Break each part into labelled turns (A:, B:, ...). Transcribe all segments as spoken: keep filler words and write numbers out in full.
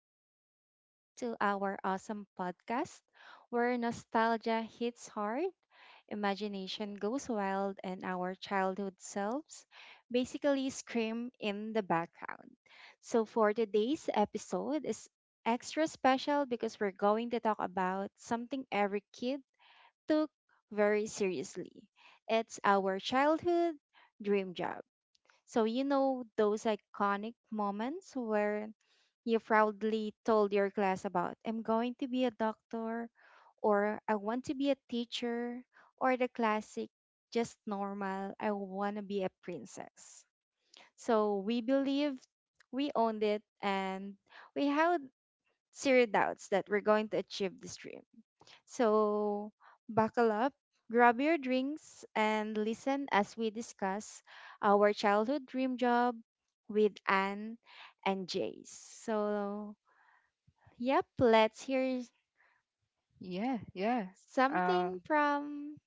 A: Welcome back to our awesome podcast where nostalgia hits hard, imagination goes wild, and our childhood selves basically scream in the background. So, for today's episode is extra special because we're going to talk about something every kid took very seriously. It's our childhood dream job. So, you know those iconic moments where you proudly told your class about, I'm going to be a doctor, or I want to be a teacher, or the classic, just normal, I want to be a princess. So we believe we owned it and we had zero doubts that we're going to achieve this dream. So, buckle up, grab your drinks, and listen as we discuss our childhood dream job with Anne and Jace. So, yep, let's hear
B: Yeah, yeah. Uh,
A: something from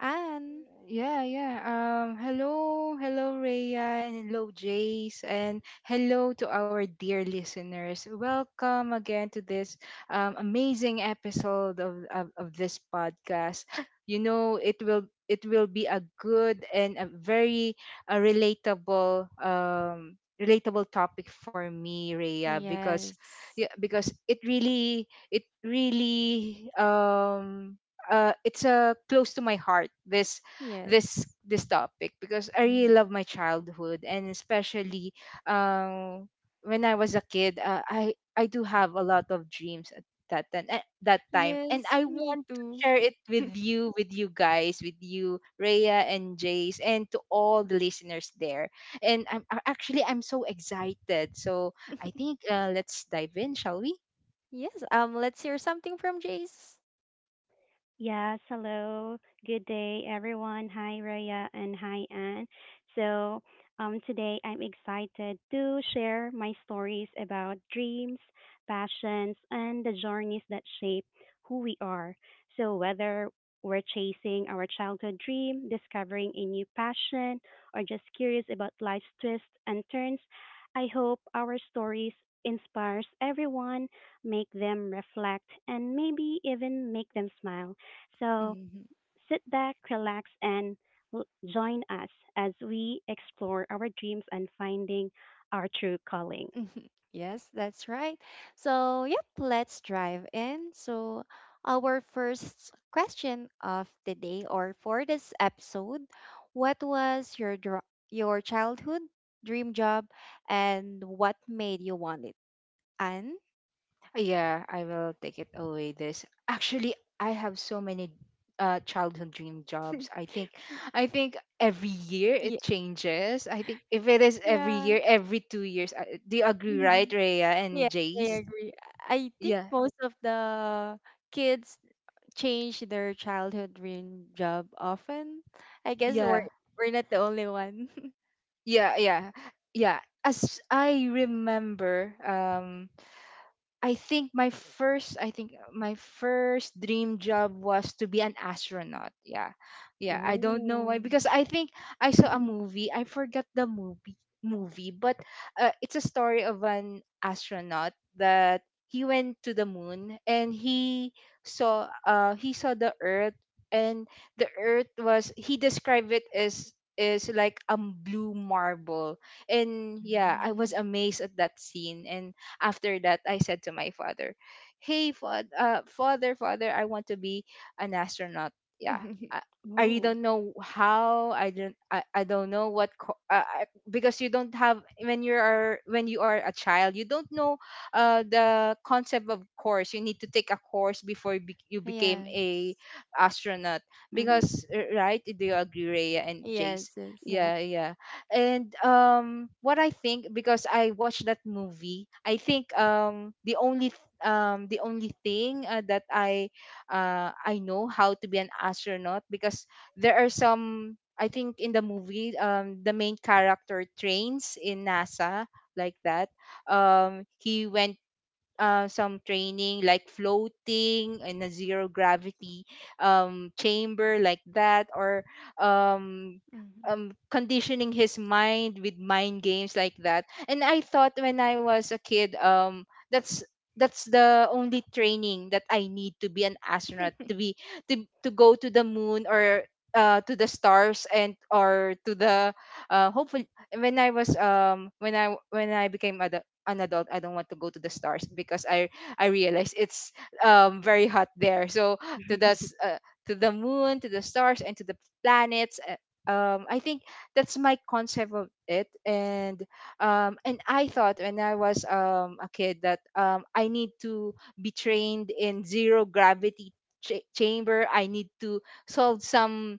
A: Anne.
B: yeah, yeah. Um, hello, hello, Rhea, and hello, Jace, and hello to our dear listeners. Welcome again to this um, amazing episode of, of of this podcast. You know, it will it will be a good and a very uh relatable um relatable topic for me, Rhea, because
A: Yes,
B: yeah, because it really it really um uh it's uh close to my heart, this this
A: yes,
B: this topic, because I really
A: mhm.
B: love my childhood, and especially um when I was a kid, uh, I I do have a lot of dreams at that time at that time, and
A: Yes,
B: I
A: me
B: want to
A: too.
B: share it with you with you guys with you Rhea and Jace, and to all the listeners there. And I'm I- actually I'm so excited, so I think, uh, let's dive in, shall we?
A: Yes, um, let's hear something from Jace.
C: Yes, hello. Good day, everyone. Hi, Raya, and hi, Anne. So, um, today I'm excited to share my stories about dreams, passions, and the journeys that shape who we are. So, whether we're chasing our childhood dream, discovering a new passion, or just curious about life's twists and turns, I hope our stories inspires everyone, make them reflect, and maybe even make them smile. So
A: Mm-hmm.
C: sit back, relax, and l- join us as we explore our dreams and finding our true calling.
A: Yes, that's right. So, yep, let's drive in. So, our first question of the day or for this episode, what was your dr- your childhood dream job and what made you want it? And
B: Yeah, I will take it away this. Actually, I have so many uh childhood dream jobs. I think I think every year
A: yeah,
B: it changes. I think if it is every
A: yeah,
B: year, every two years. uh, Do you agree, right, Rhea and
A: yeah. I
B: Jace?
A: agree. I think
B: Yeah.
A: most of the kids change their childhood dream job often. I guess we're
B: Yeah.
A: we're not the only one.
B: Yeah, yeah. Yeah. As I remember, um I think my first I think uh, my first dream job was to be an astronaut. Yeah. Yeah, I don't know why,
A: Oh.
B: because I think I saw a movie. I forgot the movie movie, but uh, it's a story of an astronaut that he went to the moon, and he saw uh he saw the earth, and the earth was, he described it as, is like a blue marble. And yeah, I was
A: Mm.
B: amazed at that scene. And after that, I said to my father, "Hey, fa- uh, father, father, I want to be an astronaut." Yeah. I I
C: Oh,
B: don't know how. I don't I, I don't know what co- uh, I- because you don't have when you are when you are a child, you don't know uh, the concept, of course you need to take a course before you, be, you became a
A: Yes.
B: astronaut.
C: mm-hmm.
B: Because uh, right, do you agree, Rhea and Jace?
A: Yes, yes.
C: Yes.
B: Yeah, yeah. And um, what I think, because I watched that movie, I think, um, the only th- um the only thing, uh, that I uh I know how to be an astronaut, because there are some, I think in the movie, um, the main character trains in NASA, like that. Um, he went uh, some training like floating in a zero gravity um, chamber, like that, or um,
A: Mhm.
B: um, conditioning his mind with mind games, like that. And I thought when I was a kid, um, that's that's the only training that I need to be an astronaut, to be to, to go to the moon, or uh, to the stars, and or to the uh, hopefully when I was um when i when i became adult an adult, I don't want to go to the stars because i i realize it's um very hot there. So to the s- uh, to the moon, to the stars, and to the planets, uh, um I think that's my concept of it. And um and I thought when I was, um a kid, that, um I need to be trained in zero gravity cha- chamber, I need to solve some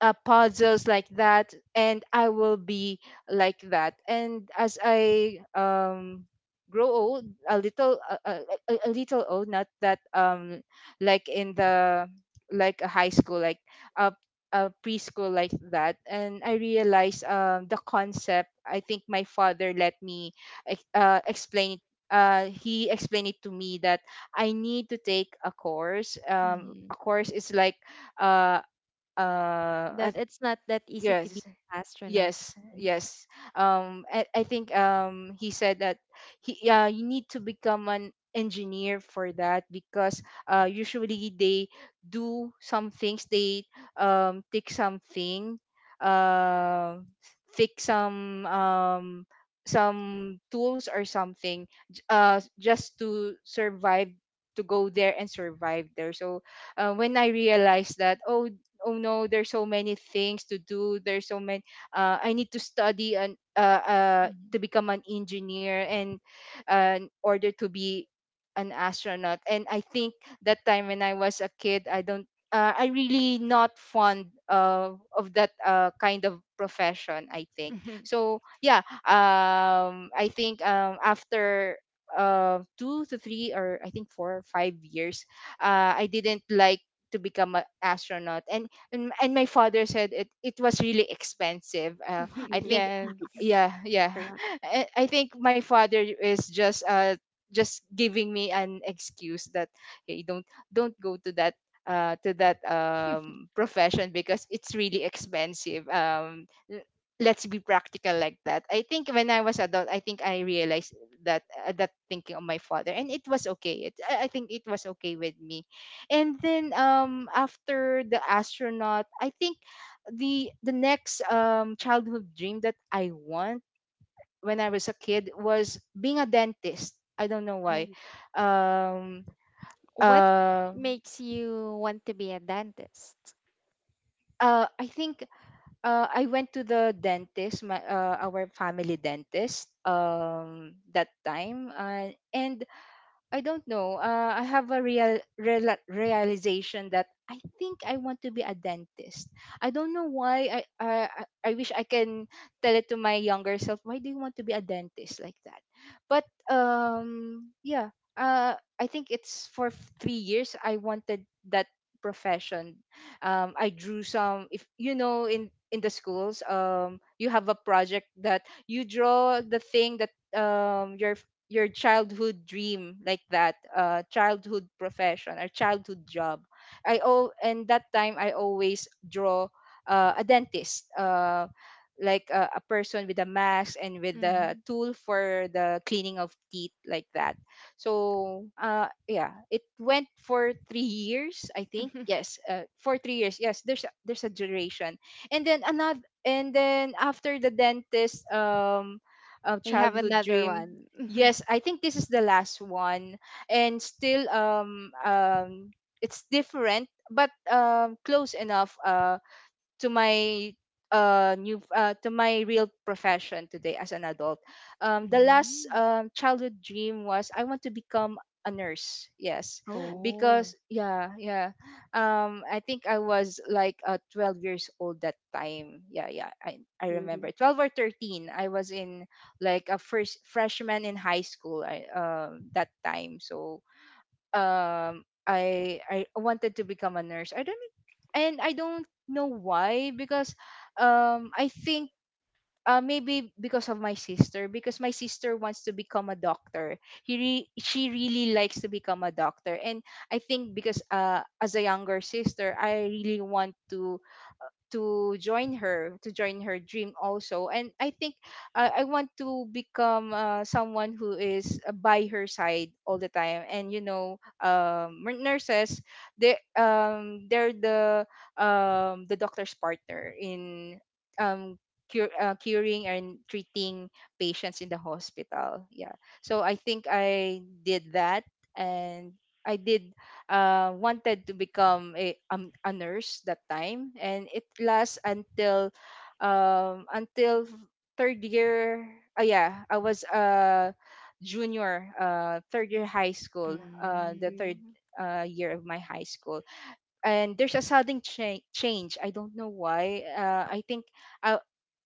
B: uh, puzzles, like that, and I will be like that. And as I um grow old a little, a, a, a a little old, not that um like in the, like a high school, like a, a preschool, like that, and I realized um the concept, I think my father let me ex- uh, explain it, uh, he explained it to me that I need to take a course. Um, a
A: Mhm.
B: course is like uh, uh, I
A: That it's not that easy to be
B: Yes,
A: an astronaut.
B: yes,
A: Mhm.
B: yes. Um, I, I think um he said that he yeah, you need to become an engineer for that, because uh usually they do some things, they um take something, uh fix some um some tools or something, j- uh just to survive, to go there and survive there. So uh, when I realized that, oh, oh no, there's so many things to do, there's so many, uh, I need to study, and uh, uh,
A: Mhm.
B: to become an engineer, and uh, in order to be an astronaut. And I think that time when I was a kid, I don't. Uh, I really not fond of of that uh, kind of profession, I think so. Yeah. Um, I think um after uh two to three, or I think four or five years, uh, I didn't like to become an astronaut. And and, and my father said it it was really expensive, uh, I
C: Mm-hmm.
B: think.
A: Yes.
B: Yeah, yeah.
C: Correct.
B: i I think my father is just uh just giving me an excuse that, hey, don't don't go to that, uh to that um profession, because it's really expensive. Um l- let's be practical, like that. I think when I was adult, I think I realized that, uh, that thinking of my father, and it was okay. It, i I think it was okay with me. And then, um after the astronaut, I think the the next um childhood dream that I want when I was a kid was being a dentist. I don't know why.
C: Oh,
B: um
A: What
B: uh
A: makes you want to be a dentist?
B: uh, I think, uh, I went to the dentist, my uh, our family dentist, um, that time, uh, and I don't know. Uh, I have a real, real realization that I think I want to be a dentist. I don't know why. I, I I I wish I can tell it to my younger self. Why do you want to be a dentist, like that? But um, yeah. Uh, I think it's for f- three years. I wanted that profession. Um, I drew some. If you know in in the schools, um, you have a project that you draw the thing that um your your childhood dream, like that, uh childhood profession or childhood job. I, oh, and that time I always draw uh, a dentist, uh like a, a person with a mask and with the
A: Mhm.
B: tool for the cleaning of teeth, like that. So uh yeah, it went for three years, I
A: We
B: think. Yes, uh, for three years, yes, there's a, there's a duration. And then another, and then after the dentist, um uh,
A: have
B: childhood
A: another
B: dream.
A: one.
B: Yes, I think this is the last one, and still, um um it's different, but um close enough um to my uh new uh, to my real profession today as an adult. Um the last
A: Mm.
B: um childhood dream was, I want to become a nurse. Yes,
C: oh,
A: Oh.
B: because yeah, yeah. um I think I was like, uh, twelve years old that time. Yeah, yeah, i i
C: mm-hmm.
B: remember, twelve or thirteen, I was in like a first freshman in high school, I, um that time. So um I I wanted to become a nurse. I don't and I don't know why. Because um I think uh, maybe because of my sister, because my sister wants to become a doctor. He re- she really likes to become a doctor. And I think because, uh as a younger sister, I really want to to join her to join her dream also. And I think uh, I want to become, uh, someone who is, uh, by her side all the time. And you know, um mer- nurses, they um they're the um the doctor's partner in um cure, uh, curing and treating patients in the hospital. Yeah, so I think I did that. And I did uh, wanted to become a, um, a nurse that time. And it lasts until um, until third year. Uh, yeah, I was a junior, uh, third year high school, uh, the
A: Mm.
B: third
C: Mm-hmm.
B: uh, year of my high school. And there's a sudden cha- change. I don't know why. Uh, I think I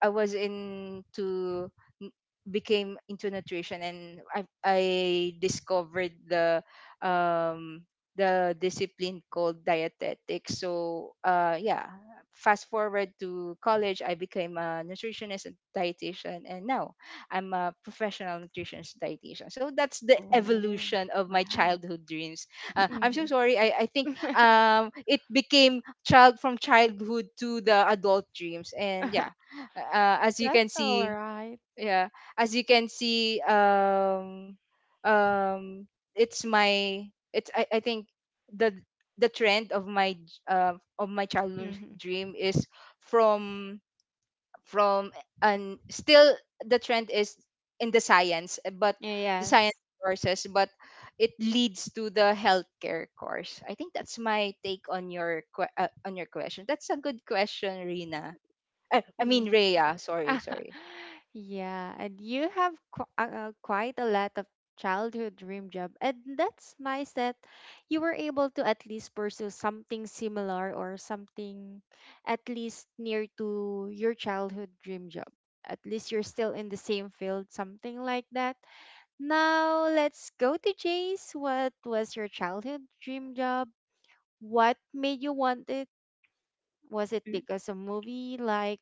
B: I was into n- became into nutrition. And I I discovered the um the discipline called dietetics. So uh yeah, fast forward to college, I became a nutritionist and dietitian, and now I'm a professional nutritionist dietitian. So that's the
C: Oh,
A: Oh.
B: evolution of my
C: wow.
B: childhood dreams. Uh, I'm so
A: Mhm.
B: sorry. I I think um it became child from childhood to the adult dreams. And yeah, uh, as you can
A: That's all
B: see,
A: right.
B: yeah, as you can see, um um it's my, it's i, I think the the trend of my j- uh, of my childhood
A: Mhm.
B: dream is from, from and still the trend is in the science, but the science
A: Yes.
B: courses, but it leads to the healthcare course. I think that's my take on your que- uh, on your question. That's a good question, Rina. i, I mean,
A: Mm.
B: Rhea, sorry, sorry
A: Yeah, and you have qu uh, quite a lot of childhood dream job, and that's nice that you were able to at least pursue something similar or something at least near to your childhood dream job. At least you're still in the same field, something like that. Now, let's go to Jace. What was your childhood dream job? What made you want it? Was it because of movie like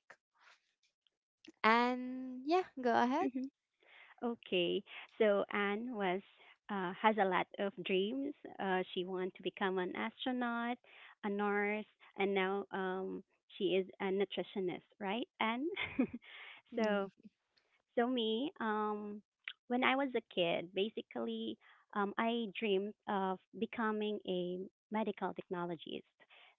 A: and yeah, go ahead.
C: Mm-hmm. Okay, so Anne was uh, has a lot of dreams. Uh, she wanted to become an astronaut, a nurse, and now um, she is a nutritionist, right, Anne? So,
A: Mm.
C: so me, um, when I was a kid, basically, um, I dreamed of becoming a medical technologist.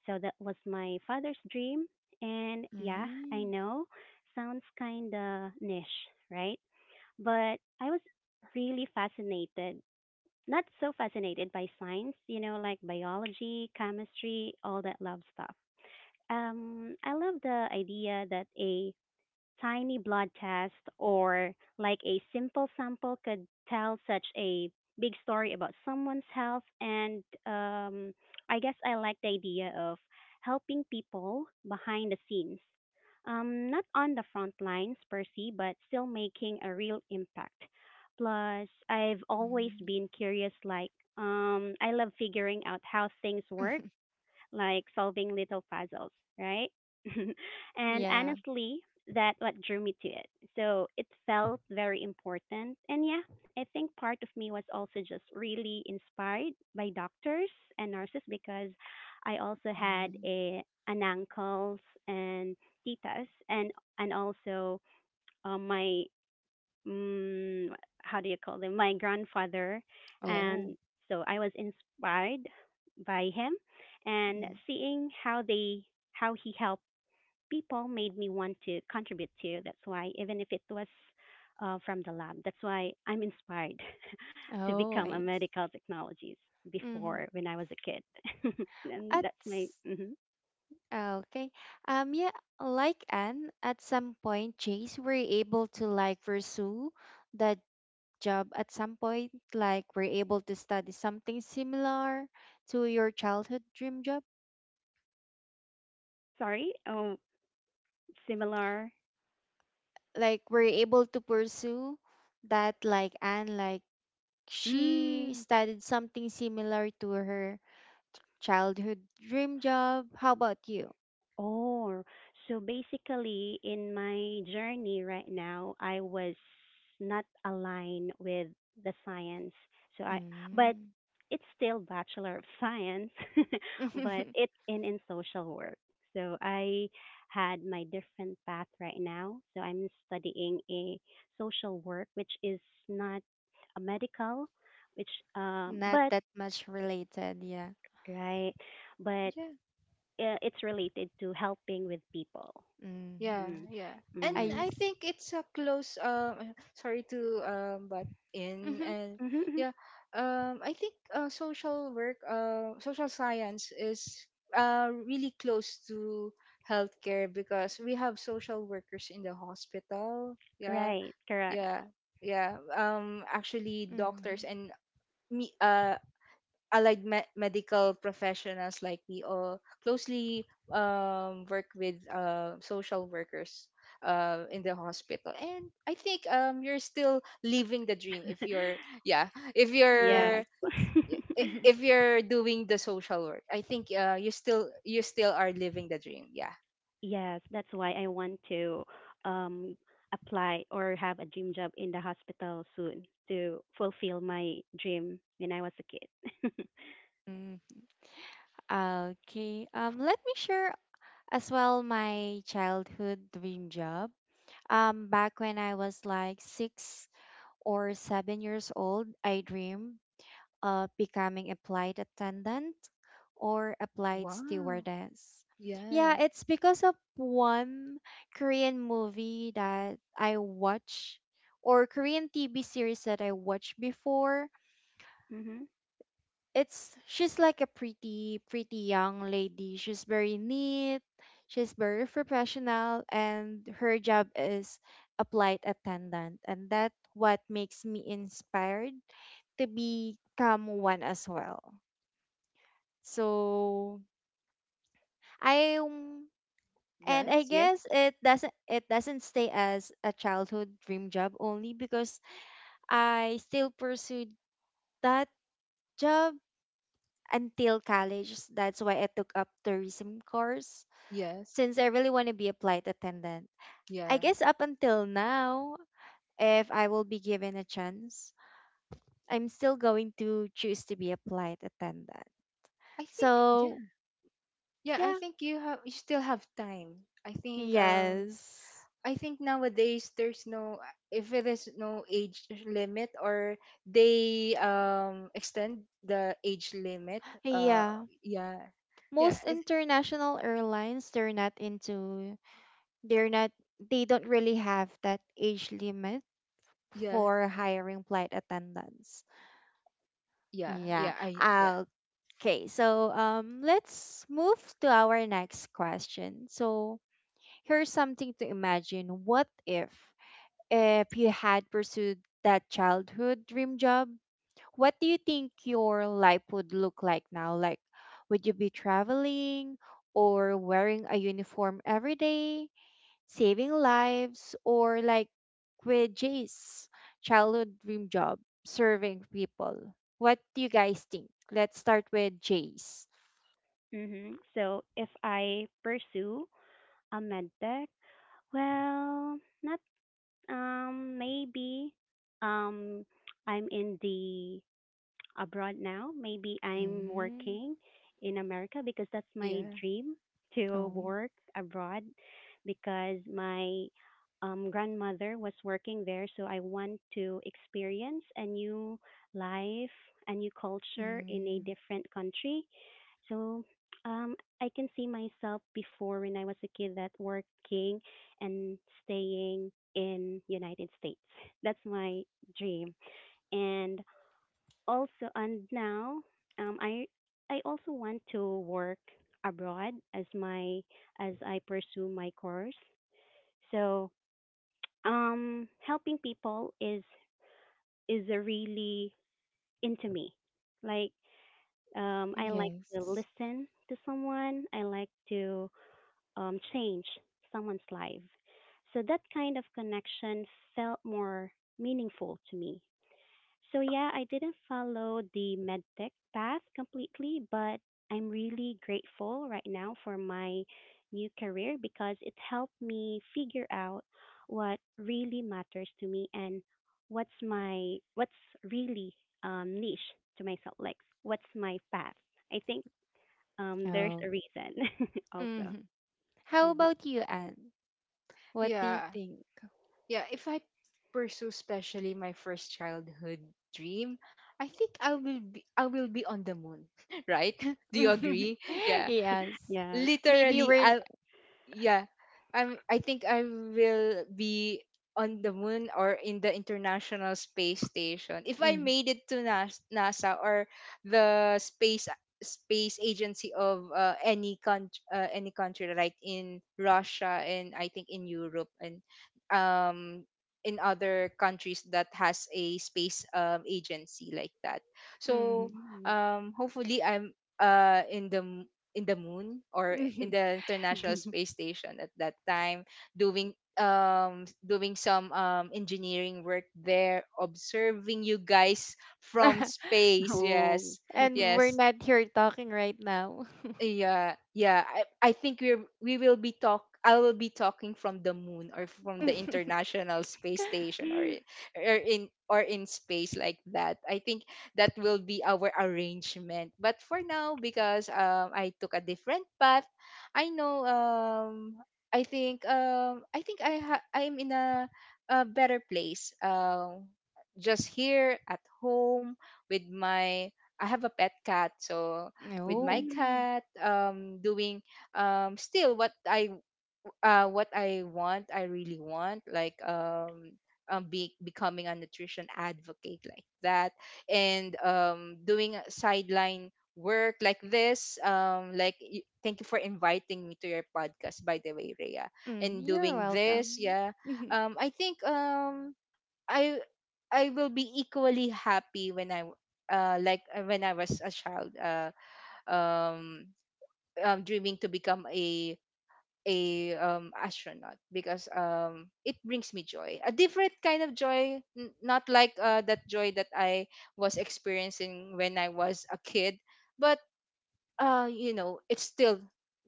C: So that was my father's dream, and yeah, I
A: Mm.
C: know, sounds kind of niche, right? But I was really fascinated, not so fascinated by science, you know, like biology, chemistry, all that love stuff. Um, I love the idea that a tiny blood test or like a simple sample could tell such a big story about someone's health. And um, I guess I like the idea of helping people behind the scenes. Um, not on the front lines per se, but still making a real impact. Plus, I've always
A: Mm.
C: been curious, like, um, I love figuring out how things work like solving little puzzles, right? And
A: Yeah.
C: honestly, that what drew me to it. So it felt very important. And yeah, I think part of me was also just really inspired by doctors and nurses because I also had
A: Mm.
C: a an uncles and titas and and also uh, my mm, how do you call them? My grandfather,
B: yeah.
A: Oh.
C: and so I was inspired by him, and
A: Mm.
C: seeing how they how he helped people made me want to contribute too. That's why even if it was uh, from the lab, that's why I'm inspired to
A: Oh,
C: become a
A: I
C: medical technologist
A: Mm-hmm.
C: before when I was a kid. And
A: At
C: that's my
A: s-
C: mhm.
A: ah, okay. Um yeah, like Anne, at some point Chase were able to like pursue that job at some point, like we're able to study something similar to your childhood dream job.
C: Sorry. Oh, similar.
A: Like we're able to pursue that like Anne, like she
C: Mm.
A: studied something similar to her childhood dream job. How about you?
C: Oh, so basically, in my journey right now, I was not aligned with the science. So I, but
A: Mm.
C: it's still Bachelor of Science, but it in in social work. So I had my different path right now. So I'm studying a social work, which is not a medical, which um,
A: Not
C: but,
A: that much related, yeah.
C: right, but uh, it's related to helping with people.
A: Mm.
B: Yeah,
C: Mm.
B: yeah.
C: Mhm.
B: And
A: I
B: I
A: s-
B: think it's a close um sorry to um butt in.
A: Mhm,
B: And
C: Mhm.
B: yeah, um I think, uh, social work, uh social science, is uh really close to healthcare, because we have social workers in the hospital. Yeah.
C: Right. Correct.
B: Yeah. Yeah. Um actually doctors
A: mhm.
B: and me uh allied me- medical professionals, like we all closely um, work with uh, social workers uh, in the hospital. And I think um, you're still living the dream if you're yeah if
A: Yes.
B: you're
C: Yes.
B: I- I-
A: Mhm.
B: if you're doing the social work. I think uh, you still you still are living the dream. Yeah.
C: Yes, that's why I want to um apply or have a dream job in the hospital soon to fulfill my dream when I was a kid.
A: Mhm. Okay. Um, let me share as well my childhood dream job. Um, back when I was like six or seven years old, I dreamed of becoming a flight attendant or a flight
B: Wow.
A: stewardess.
B: Yeah.
A: Yeah, it's because of one Korean movie that I watch or Korean T V series that I watched before.
C: Mhm.
A: It's she's like a pretty pretty young lady. She's very neat. She's very professional and her job is a flight attendant and that what makes me inspired to become one as well. So I um, and I
B: Yes, yes.
A: guess it doesn't it doesn't stay as a childhood dream job only because I still pursued that job until college. That's why I took up tourism course
B: yes
A: since I really want to be a flight attendant. I
B: yeah
A: guess up until now, if I will be given a chance, I'm still going to choose to be a flight attendant.
B: i think
A: So
B: yeah yeah i
A: yeah,
B: think you have you still have time. i think um
A: yes.
B: I think nowadays there's no if it is no age limit, or they um extend the age limit. Uh,
A: Yeah,
B: yeah, yeah,
A: most
B: it's-
A: international airlines they're not into they're not they don't really have that age limit
B: yeah,
A: for hiring flight attendants
B: yeah,
A: yeah
B: yeah. I yeah,
A: uh, okay so um let's move to our next question so here's something to imagine what if if you had pursued that childhood dream job what do you think your life would look like now? Like, would you be traveling or wearing a uniform every day, saving lives, or like with Jay's childhood dream job, serving people? What do you guys think? Let's start with Jay's.
C: Mhm. So if I pursue a med tech, well, not um maybe um I'm in the abroad now. Maybe I'm
A: Mm.
C: working in America because that's my
B: yeah,
C: dream to
A: Oh.
C: work abroad because my um, grandmother was working there. So I want to experience a new life, a new culture in a
A: Mm.
C: different country. So um, I can see myself before when I was a kid that working and staying in United States. That's my dream. And also, and now um, I I also want to work abroad as my as I pursue my course. So um, helping people is is a really into me. Like um, I like to
A: Yes.
C: listen to someone. I like to um, change someone's life. So that kind of connection felt more meaningful to me. So yeah, I didn't follow the medtech path completely, but I'm really grateful right now for my new career because it helped me figure out what really matters to me and what's my what's really um, niche to myself, like what's my path. I think um, there's
A: Oh.
C: a reason also.
A: Hmm. How
C: Mhm.
A: about you, Anne? What do you
B: yeah,
A: think?
B: Yeah. If I pursue, especially my first childhood dream, I think I will be I will be on the moon, right? Do you agree? Yeah,
A: Yes.
C: Yes.
A: Maybe
B: literally,
A: we're
B: I yeah i'm i think I will be on the moon or in the International Space Station if I
A: Mhm,
B: made it to Nas- NASA, or the space space agency of uh, any country, uh, any country like in Russia, and I think in Europe, and um in other countries that has a space um, agency like that. So
A: mhm.
C: Mm.
B: um hopefully I'm uh in the in the moon or in the International Space Station at that time doing um doing some um engineering work there, observing you guys from space.
C: Oh.
B: Yes,
A: And we're
B: yes.
A: not here talking right now.
B: Yeah, yeah. I, I think we're we will be talk I will be talking from the moon or from the International Space Station, or i- or in or in space like that. I think that will be our arrangement. But for now, because um I took a different path, I know, um I think, um I think I ha- I'm in a a better place. Um just here at home with my I have a pet cat, so with my
A: No.
C: Mm.
B: cat, um doing um still what I uh what I want, I really want, like um um, be, becoming a nutrition advocate like that, and um doing a sideline work like this, um like y- thank you for inviting me to your podcast, by the way, Rhea,
A: Mm,
B: and
A: you're
B: doing this.
A: welcome.
B: Yeah.
A: Mhm.
B: Um i think um i i will be equally happy when I w- uh like uh, when I was a child uh um um, dreaming to become a a um, astronaut, because um, it brings me joy, a different kind of joy, n- not like uh, that joy that I was experiencing when I was a kid, but uh you know it's still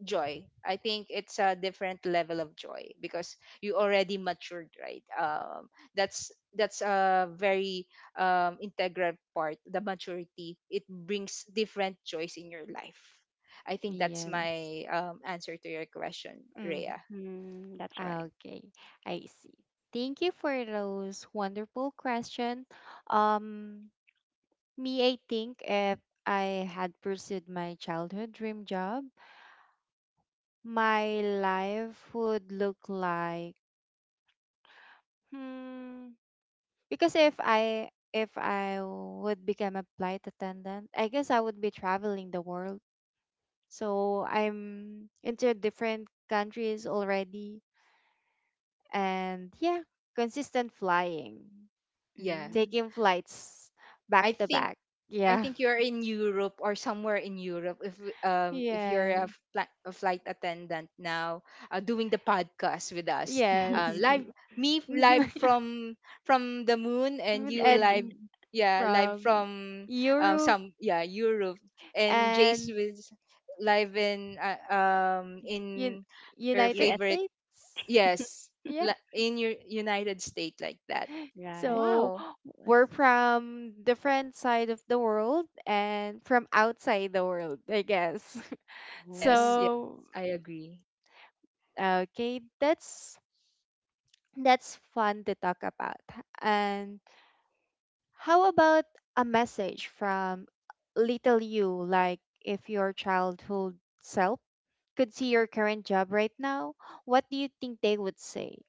B: joy. I think it's a different level of joy because you already matured, right? Um that's that's a very um integral part. The maturity it brings different joys in your life. I think that's
A: Yes.
B: my um answer to your question,
A: Mhm.
B: Rhea.
C: Mm, that's right.
A: Okay, I see. Thank you for those wonderful question. Um, me, I think if I had pursued my childhood dream job, my life would look like hmm. Because if I if I would become a flight attendant, I guess I would be traveling the world. So I'm into different countries already and yeah, consistent flying,
B: Yeah.
C: Mm.
A: taking flights back
B: i
A: to
B: think
A: back.
B: I
A: Yeah.
B: think you're in Europe or somewhere in Europe. If um if
A: Yes.
B: you're a fli- a flight attendant now, uh, doing the podcast with us, uh,
A: Yes.
B: live me f- live
A: I
B: from from the moon, and
A: mean,
B: you live,
A: and
B: yeah, live
A: from
B: from um
A: Europe
B: some yeah Europe, and Jace
A: and
B: was live in uh, um
A: un-
B: in her
A: United
C: U S,
B: favorite,
A: States.
B: yes,
A: Yeah.
B: li- in your United States, like that.
C: right.
A: So
B: Wow.
A: we're from different side of the world and from outside the world, I guess.
C: Oh.
B: Yes. Yes.
A: so
B: I agree.
A: okay, that's that's fun to talk about. And how about a message from little you, like if your childhood self could see your current job right now, what do you think they would say?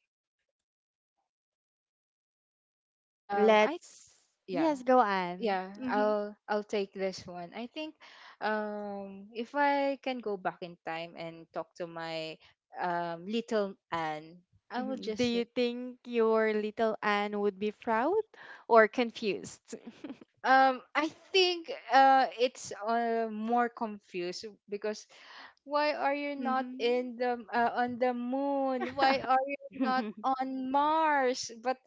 B: Um. I
A: Let's
B: Yeah.
A: yes, go on.
B: Yeah,
A: Mm-hmm.
B: i'll I'll take this one. I think um if I can go back in time and talk to my um little Anne, I would
A: Mhm. Do
B: just
A: you
B: say
A: think your little Anne would be proud or confused?
B: um I think uh it's uh, more confused, because why are you not
A: Mm-hmm.
B: in the uh, on the moon, why are you not on Mars? But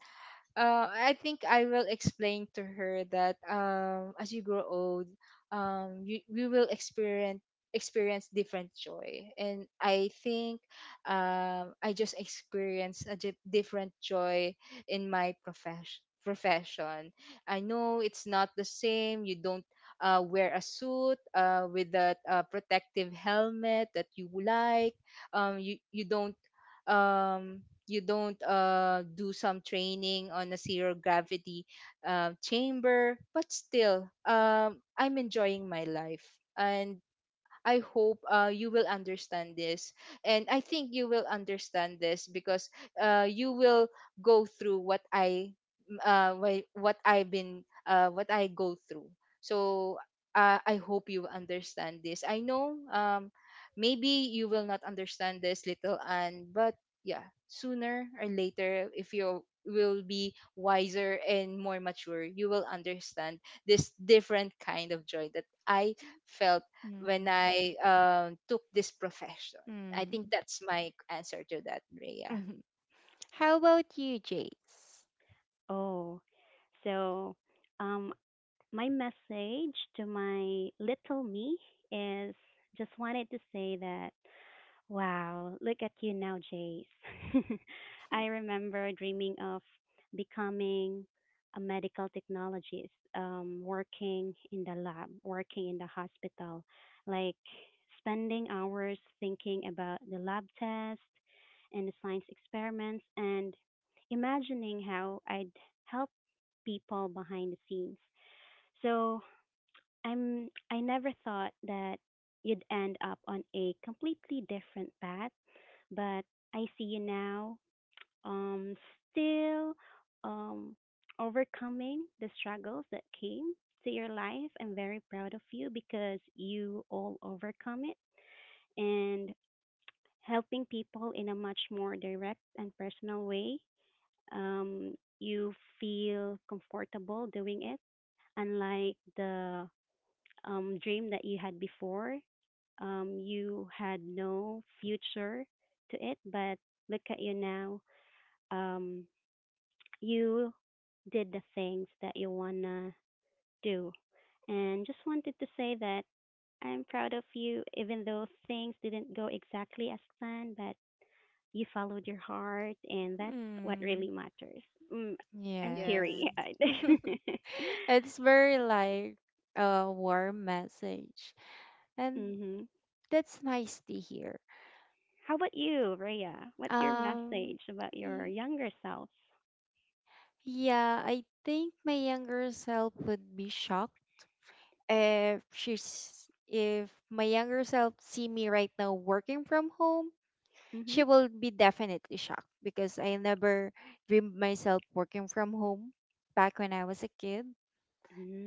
B: uh, I think I will explain to her that, um, as you grow old, um, you we will experience experience different joy, and I think, um, I just experienced a di- different joy in my profession. Profession. I know it's not the same. You don't uh, wear a suit uh, with that uh, protective helmet that you like. Um, you you don't um you don't uh, do some training on a zero gravity uh, chamber, but still, um, I'm enjoying my life, and I hope uh, you will understand this. And I think you will understand this because uh, you will go through what I m- uh, why- what I've been, uh, what I go through. So uh, I hope you understand this. I know, um, maybe you will not understand this, little Anne, but yeah, sooner or later, if you will be wiser and more mature, you will understand this different kind of joy that I felt when
A: Mm-hmm.
B: I, um, took this profession. I think that's my answer to that, Rhea.
A: Hmm. How about you, Jace?
C: Oh. So, um, my message to my little me is just wanted to say that, wow, look at you now, Jace. I remember dreaming of becoming a medical technologist, um, working in the lab, working in the hospital, like spending hours thinking about the lab test and the science experiments and imagining how I'd help people behind the scenes. So I'm I never thought that you'd end up on a completely different path, but I see you now, um, still um overcoming the struggles that came to your life. I'm very proud of you because you all overcome it and helping people in a much more direct and personal way. Um, you feel comfortable doing it, unlike the um, dream that you had before. Um, you had no future to it, but look at you now. Um, you did the things that you wanna do, and just wanted to say that I'm proud of you, even though things didn't go exactly as planned, but you followed your heart, and that's what
A: Mm,
C: really matters. Mm, I'm
B: Yeah,
A: yes.
C: teary eyed.
A: It's very like a warm message, and
C: Mhm.
A: that's nice to hear.
C: How about you, Rhea? What's your
A: Um,
C: message about your
A: y-
C: younger self?
A: yeah, I think my younger self would be shocked. If she's if my younger self see me right now working from home
C: Mm-hmm.
A: she will be definitely shocked because I never dreamed myself working from home back when I was a kid.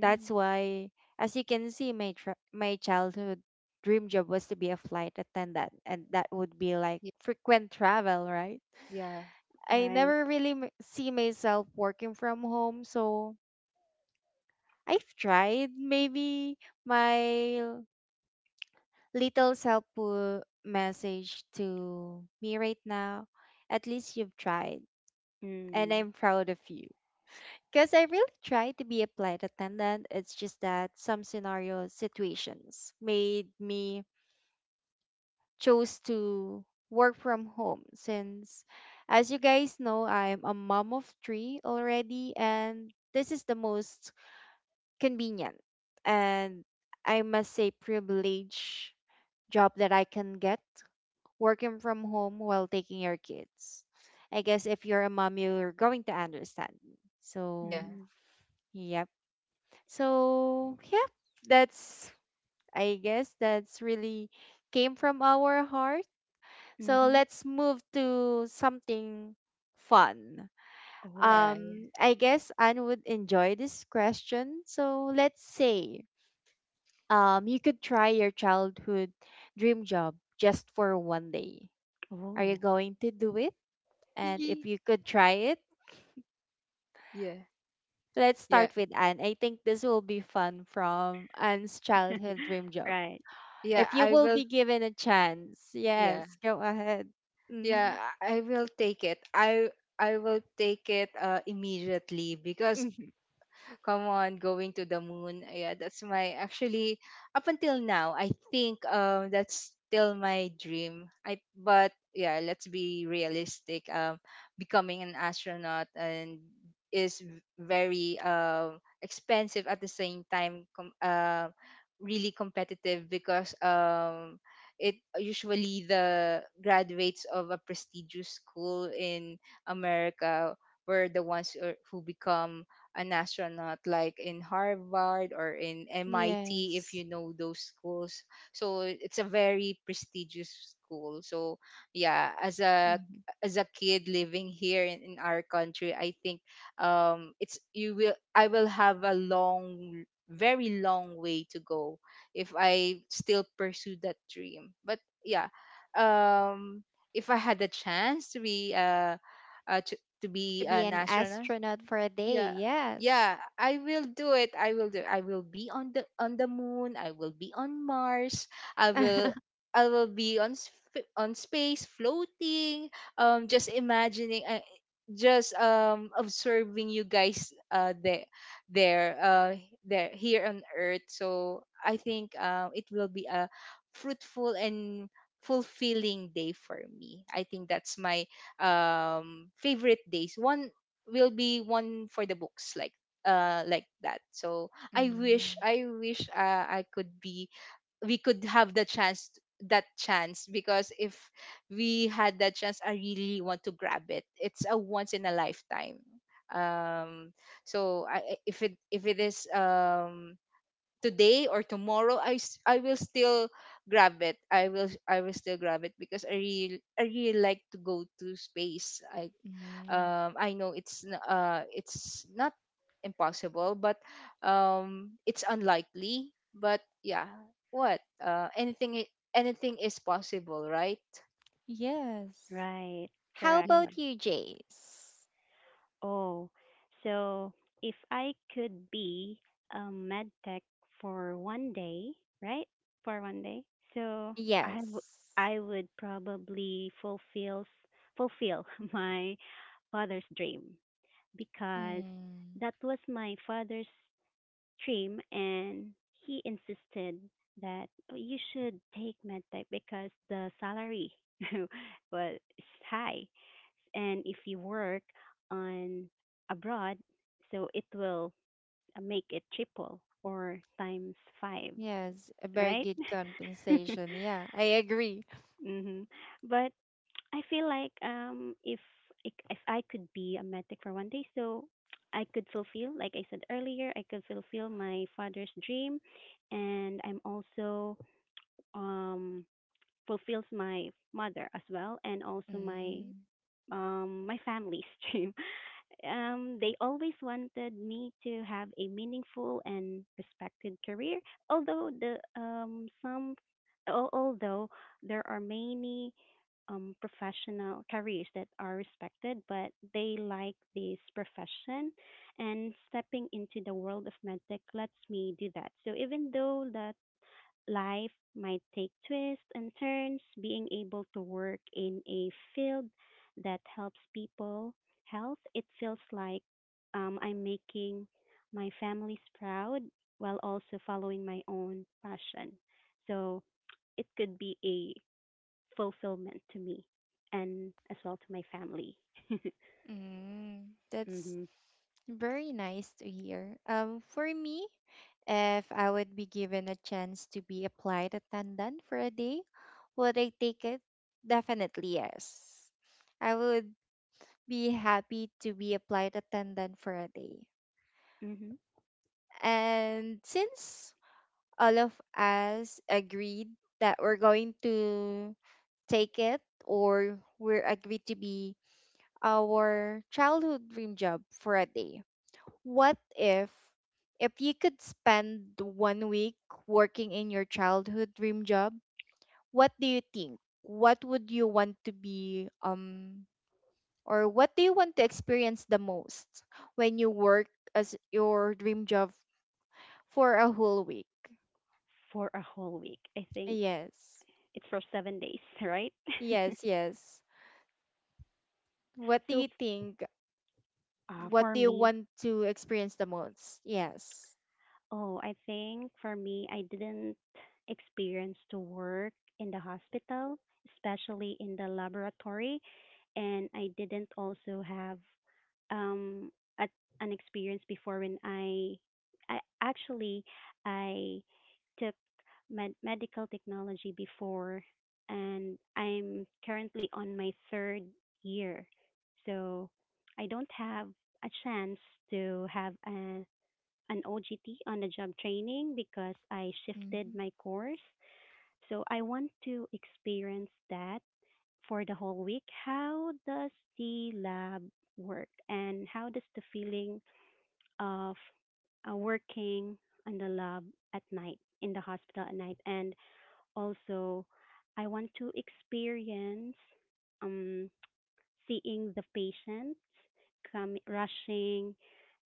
A: That's why as you can see my tr- my childhood dream job was to be a flight attendant and that would be like
B: yeah,
A: frequent travel right
B: yeah,
A: I
C: right.
A: never really m- see myself working from home so I've tried maybe my little helpful message to me right now. At least you've tried, and
C: Mm,
A: I'm proud of you. Because I really tried to be a flight attendant. It's just that some scenario situations made me chose to work from home since as you guys know, I'm a mom of three already, and this is the most convenient and I must say privilege job that I can get working from home while taking your kids. I guess if you're a mom, you're going to understand me. So,
B: yeah,
C: mm,
A: yep. So, yeah, that's, I guess that's really came from our heart. So,
C: mm-hmm.
A: let's move to something fun.
C: Oh,
B: yeah,
A: Um, I guess Anne would enjoy this question. So, let's say um, you could try your childhood dream job just for one day. Are you
C: oh.
A: going to do it? And
B: yeah,
A: if you could try it,
B: yeah,
A: let's
B: yeah,
A: start with Anne. I think this will be fun from Anne's childhood dream job.
C: Right,
B: yeah.
A: If you
B: I
A: will
B: will.
A: be given a chance,
B: Yeah,
A: yes, go ahead.
B: yeah.
A: Hmm.
B: I I will take it. I I will take it uh, immediately, because
A: Hmm.
B: come on, going to the moon. Yeah, that's my actually, up until now, I think um that's still my dream. I But yeah, let's be realistic. Um becoming an astronaut and is v- very um expensive, at the same time com- uh, really competitive, because um it usually the graduates of a prestigious school in America were the ones who are- who become an astronaut, like in Harvard or in M I T, if
A: Yes.
B: you know those schools. So it's a very prestigious school. So yeah, as a
A: Hmm.
B: as a kid living here in, in our country, I think um it's you will I will have a long, very long way to go if I still pursue that dream. But yeah, um if I had the chance to be, uh, uh to, to
A: To
B: be
A: be
B: an
A: an
B: astronaut,
A: astronaut for a day.
B: yeah,
A: Yes.
B: yeah, I will do it. i will do I will be on the on the moon, I will be on Mars, i will I will be on sp- on space floating, um just imagining, uh, just um observing you guys uh there there uh there here on earth. So I think um it will be a fruitful and fulfilling day for me. I think that's my um favorite days. One will be one for the books, like uh like that. So I wish, I wish uh, I could be we could have the chance that chance, because if we had that chance, I really want to grab it. It's a once in a lifetime, um so i I- if it if it is um today or tomorrow, i s- I will still grab it. i will I will still grab it, because i really I really like to go to space. i
A: Mm-hmm.
B: um, I know it's n- uh, it's not impossible, but um, it's unlikely. But yeah, what uh, anything i- anything is possible, right?
A: Yes.
C: right.
A: How
C: Correct.
B: Yeah,
A: about you, Jace?
C: Oh, so if I could be a med tech for one day, right? For one day, so I w-
A: Yes.
C: I would probably fulfill fulfill my father's dream. Because
A: Mm.
C: that was my father's dream and he insisted that, "Oh, you should take medtech because the salary was high and if you work on abroad so it will uh, make it triple or times five,
A: Yes. A very
C: right?"
A: good compensation. Yeah, I agree.
C: Mhm. But I feel like um if ik- if I could be a medic for one day, so I could fulfill, like I said earlier, I could fulfill my father's dream, and I'm also um fulfills my mother as well, and also my
A: Mm.
C: um, my family's dream. Um, they always wanted me to have a meaningful and respected career. Although the um, some, al- although there are many um, professional careers that are respected, but they like this profession, and stepping into the world of medtech lets me do that. So even though the life might take twists and turns, being able to work in a field that helps people health, it feels like um, I'm making my families proud while also following my own passion. So it could be a fulfillment to me and as well to my family.
A: Mm, that's
C: Mm-hmm.
A: very nice to hear. Um, for me, if I would be given a chance to be a flight attendant for a day, would I take it? Definitely yes. I would be happy to be a flight attendant for a day.
C: Mm-hmm.
A: And since all of us agreed that we're going to take it or we're agreed to be our childhood dream job for a day, what if if you could spend one week working in your childhood dream job? What do you think? What would you want to be um or what do you want to experience the most when you work as your dream job for a whole week?
C: For a whole week, I think
A: Yes.
C: it's for seven days, right?
A: Yes, yes. What do
C: So
A: you think?
C: uh,
A: What
C: for
A: do you
C: me,
A: want to experience the most? Yes.
C: oh, I think for me, I didn't experience to work in the hospital, especially in the laboratory, and I didn't also have um a, an experience before when I I actually I took med- medical technology before and I'm currently on my third year. So I don't have a chance to have a an O G T on the job training because I shifted
A: Hmm.
C: my course. So I want to experience that for the whole week. How does the lab work and how does the feeling of uh, working on the lab at night in the hospital at night and also I want to experience um seeing the patients come rushing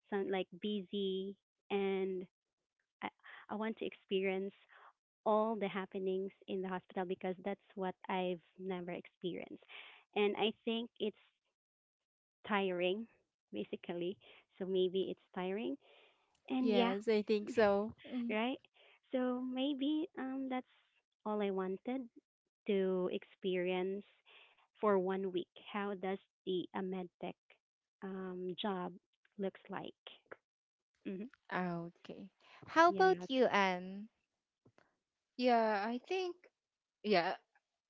C: sound like busy and I, I want to experience all the happenings in the hospital because that's what I've never experienced. And I think it's tiring, basically. So maybe it's tiring. And yeah,
A: Yes, I think so. Mhm.
C: right? So maybe um that's all I wanted to experience for one week. How does the a med tech um job looks like? Mm-hmm.
A: Ah, okay. How about
C: Yes.
A: you, Anne?
B: yeah. I think yeah.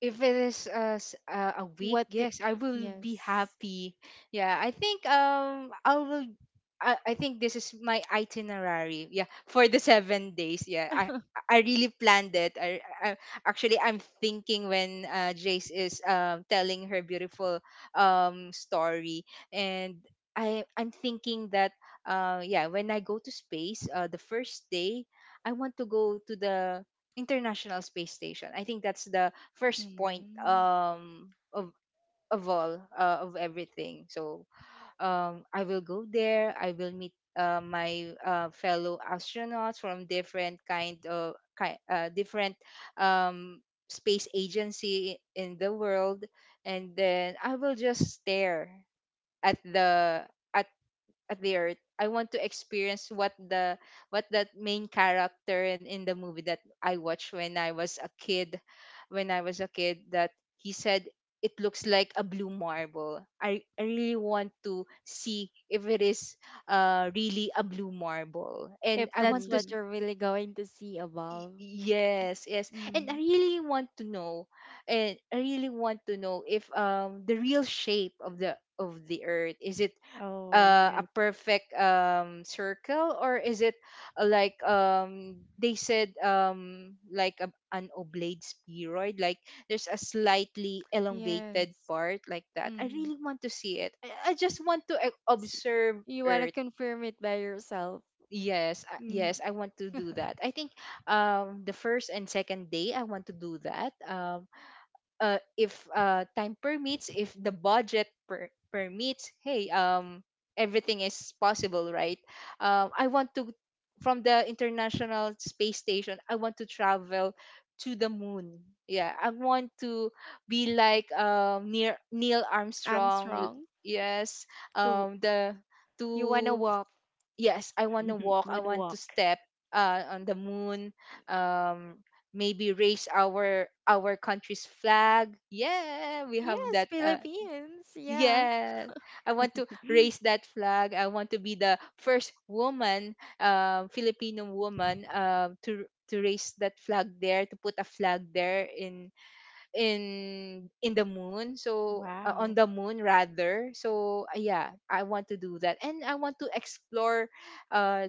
B: If it is a, s- a a week,
A: What the
B: yes, I will be
A: yes.
B: happy. Yeah, I think um I will, I, I think this is my itinerary, yeah, for the seven days. Yeah, i I really planned it. I, I actually, I'm thinking when uh, Jace is, um, telling her beautiful um, story, and I I'm thinking that uh, yeah, when I go to space, uh, the first day I want to go to the International Space Station. I think that's the first point
A: Mm.
B: um of of all uh, of everything. So um I will go there, I will meet uh, my uh, fellow astronauts from different kind of ki- uh, different um space agency in the world, and then I will just stare at the at at the earth. I want to experience what the what that main character in, in the movie that I watched when I was a kid, when i was a kid that he said it looks like a blue marble. i, I really want to see if it is uh really a blue marble, and
A: If
B: I
A: that's
B: want to s-
A: what
C: Mm.
A: you're really going to see
B: y-
A: above.
B: yes, yes, and I
A: Mm.
B: really want to know, and i really want to know if um the real shape of the of the earth is it
C: Oh,
B: uh, a
C: yes.
B: perfect um circle, or is it uh, like um they said um like a, an oblate spheroid, like there's a slightly elongated
A: Yes.
B: part like that. I
A: Mm-hmm.
B: really want to see it. i, I just want to uh, observe
A: You want to
B: earth.
A: confirm it by yourself.
B: Yes, uh,
A: Mm.
B: yes, I want to do that. I think um the first and second day I want to do that. Um uh, if uh, time permits, if the budget per- permits, hey, um, everything is possible, right? Um, I want to, from the International Space Station, I want to travel to the moon. Yeah, I want to be like, um, near Neil
A: I'm
B: Armstrong.
A: strong.
B: Yes,
A: To
B: um, the
A: you want to
B: to
A: walk.
B: yes, I want to walk, I want to
C: Moonwalk.
B: step uh, on the moon, um, maybe raise our our country's flag. Yeah, we have
A: Yes,
B: that. Uh,
A: Philippines. Yeah.
B: yeah, I want to raise that flag. I want to be the first woman, um, Filipino woman, um, to to raise that flag there, to put a flag there in in in the moon. So uh, on
C: Wow.
B: the moon rather. So uh, yeah, I want to do that, and I want to explore uh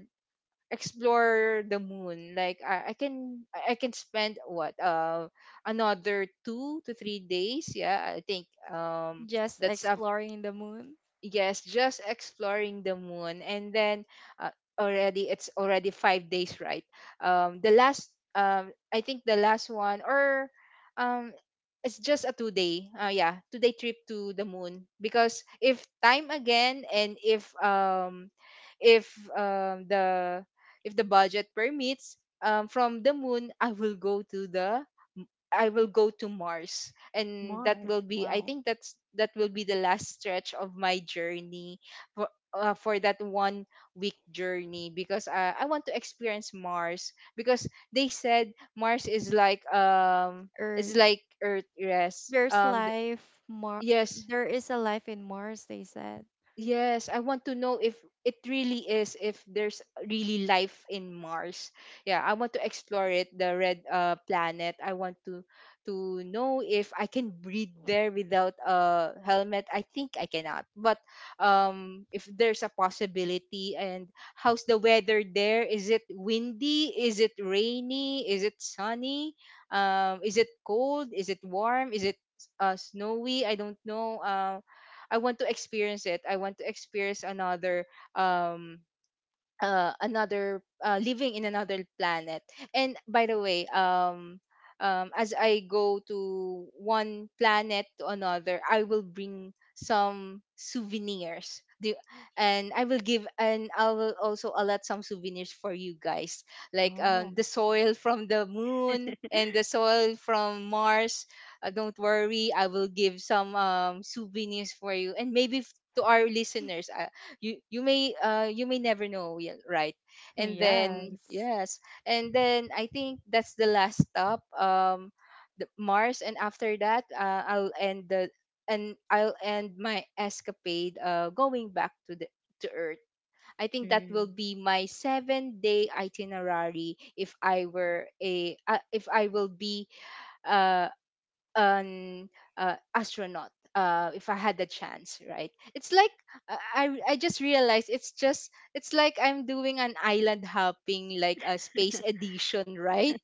B: explore the moon. Like I, I can i I can spend what uh another two to three days. Yeah, I think um
A: Just
B: that's up.
A: exploring the moon.
B: Yes, just exploring the moon, and then, uh, already it's already five days, right? Um the last, um I think the last one, or um it's just a two day, uh yeah, two day trip to the moon. Because if time again, and if um if um, the if the budget permits, um, from the moon I will go to the i will go to Mars, and that
C: Mars.
B: will be, I
C: Wow.
B: think, that's that will be the last stretch of my journey, for, uh, for that one week journey. Because uh, I want to experience Mars, because they said Mars is like um is
A: Earth.
B: like Earth. Yes,
A: There's
B: um th-
A: life. Mar-
B: yes.
A: there is a life in Mars, they said.
B: Yes, I want to know if it really is, if there's really life in Mars. Yeah, I want to explore it, the red uh planet. I want to to know if I can breathe there without a helmet. I think I cannot. But um if there's a possibility, and how's the weather there? Is it windy? Is it rainy? Is it sunny? Um is it cold? Is it warm? Is it uh, snowy? I don't know. Uh. I want to experience it. I want to experience another, um uh, another uh, living in another planet. And by the way, um, um, as I go to one planet to another, I will bring some souvenirs. The, and I will give and I will also allot some souvenirs for you guys, like uh, the
C: Oh.
B: soil from the moon and the soil from Mars. Uh, don't worry, I will give some um, souvenirs for you, and maybe f- to our listeners, you you may uh you may never know. Yeah, right. And then,
C: Right.
A: Yes.
B: yes. And then I think that's the last stop, um the Mars. And after that, uh, I'll end the and i'll end my escapade, uh going back to the to Earth. I think that will
C: Mm.
B: be my seven day itinerary if I were a, uh, if I will be uh, an uh, astronaut, uh, if I had the chance, right? It's like, uh, I I just realized, it's just it's like I'm doing an island hopping, like a space edition, right?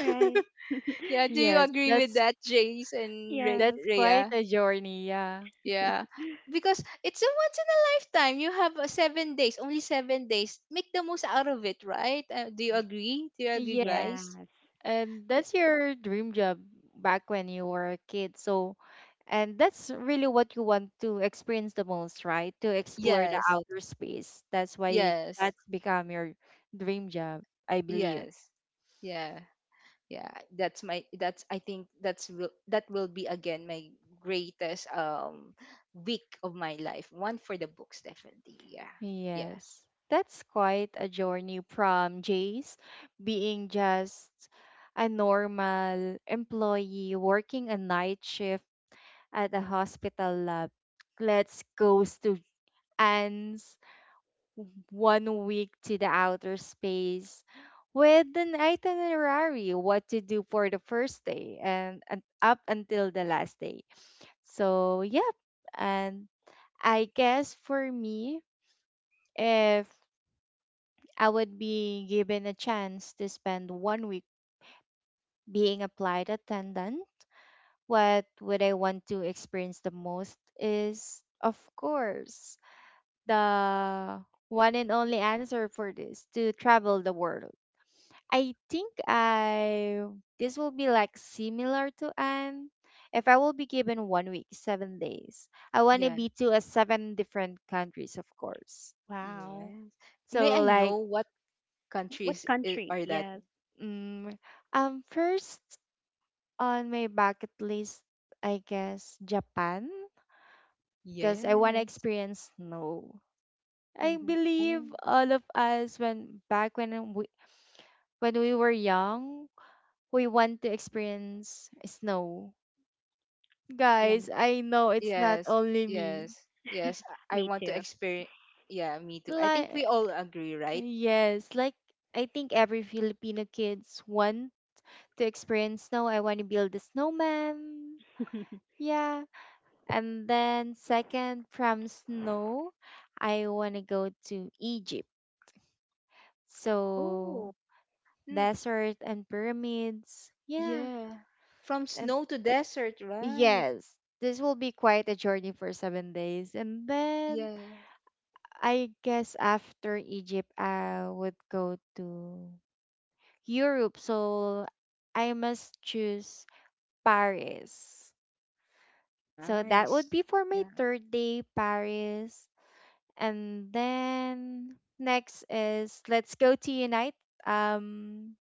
C: Right.
B: Yeah, do you
A: Yes,
B: agree with
A: that's
B: that, Jace and Re-
C: Yes.
A: that's quite
B: Rhea?
A: a journey, yeah.
B: Yeah. Because it's a once in a lifetime. You have, uh, seven days, only seven days. Make the most out of it, right? Uh, do you agree? Do you agree,
A: Yeah,
B: guys?
C: Yes.
A: and
B: Y-
A: that's your dream job back when you were a kid. So, and that's really what you want to experience the most, right? To explore the
B: Yes,
A: outer space. That's why
B: yes,
A: that's become your dream job, I believe.
B: yes, yeah. Yeah, that's my that's I think that's will that will be again my greatest, um week of my life, one for the books, definitely. Yeah. Yeah,
A: Yes. That's quite a journey from Jace being just a normal employee working a night shift at a hospital lab. Let's go to Anne's one week to the outer space with an itinerary what to do for the first day and, and up until the last day. So, yep. And I guess for me, if I would be given a chance to spend one week being a flight attendant, what would I want to experience the most is, of course, the one and only answer for this to travel the world I think I this will be like similar to Anne. If I will be given one week, seven days, I want to
B: yeah,
A: be to a seven different countries, of course.
C: Wow.
B: us. May
A: So
B: I know
A: like,
B: what
C: What
B: countries i-
C: country?
B: are that?
C: Yes.
A: mm, um, first on my bucket list, I guess Japan, because I want to
B: Yes.
A: experience snow. I
C: Mm-hmm.
A: believe
B: Oh,
A: all of us when back when we when we were young, we want to experience snow.
C: Yes.
A: Guys, I know it's not
B: yes,
A: only me.
B: yes, yes. i I
C: Me
B: want to
C: too.
B: experience. Yeah, me too, I think we
A: Like,
B: all agree, right?
A: yes, like I think every Filipino kids want to experience snow. I want to build a snowman. Yeah. And then second from snow, I want to go to Egypt.
B: Oh.
A: So
B: Mm,
A: desert and pyramids. Yeah.
B: yeah, from
A: And
B: snow to desert, right?
A: yes, this will be quite a journey for seven days. And then
B: Yeah.
A: I guess after Egypt, I would go to Europe. So I must choose Paris. So that
B: Nice.
A: would be for my
B: Yeah.
A: third day, Paris. And then next is let's go to Unite, um,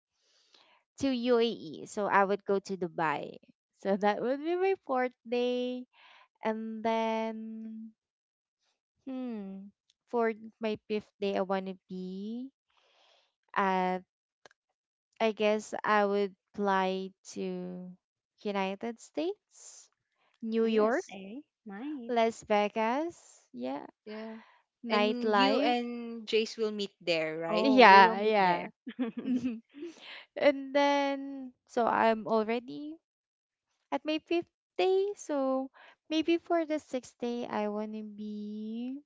A: to U A E. So I would go to Dubai. So that would be my fourth day. And then, hmm, for my fifth day, I want to be at I guess I would fly to United States, New York,
B: Yes.
C: U S A. Nice.
A: Las Vegas, yeah,
B: Yeah. And you
A: nightlife.
B: and Jace will meet there, right?
C: Oh, we will
A: Yeah,
C: meet there.
A: yeah. And then so I'm already at my fifth day, so maybe for the sixth day I wanna be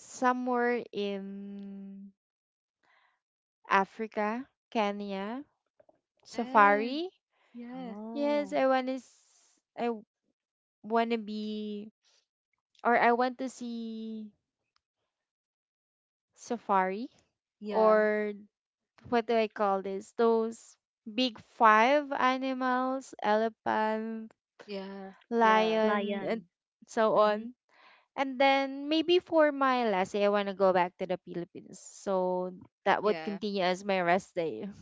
A: somewhere in Africa, Kenya,
B: Yes.
A: safari.
B: Yeah.
A: Yes,
C: Oh.
A: I wanna I I wanna be or I want to see Safari
B: Yeah.
A: or what do I call this? Those big five animals, elephant,
B: Yeah. Yeah.
A: lion, and
C: Lion.
A: so
C: Mm-hmm.
A: on. And then maybe for my last day, I want to go back to the Philippines. So that would
B: Yeah.
A: continue as my rest day.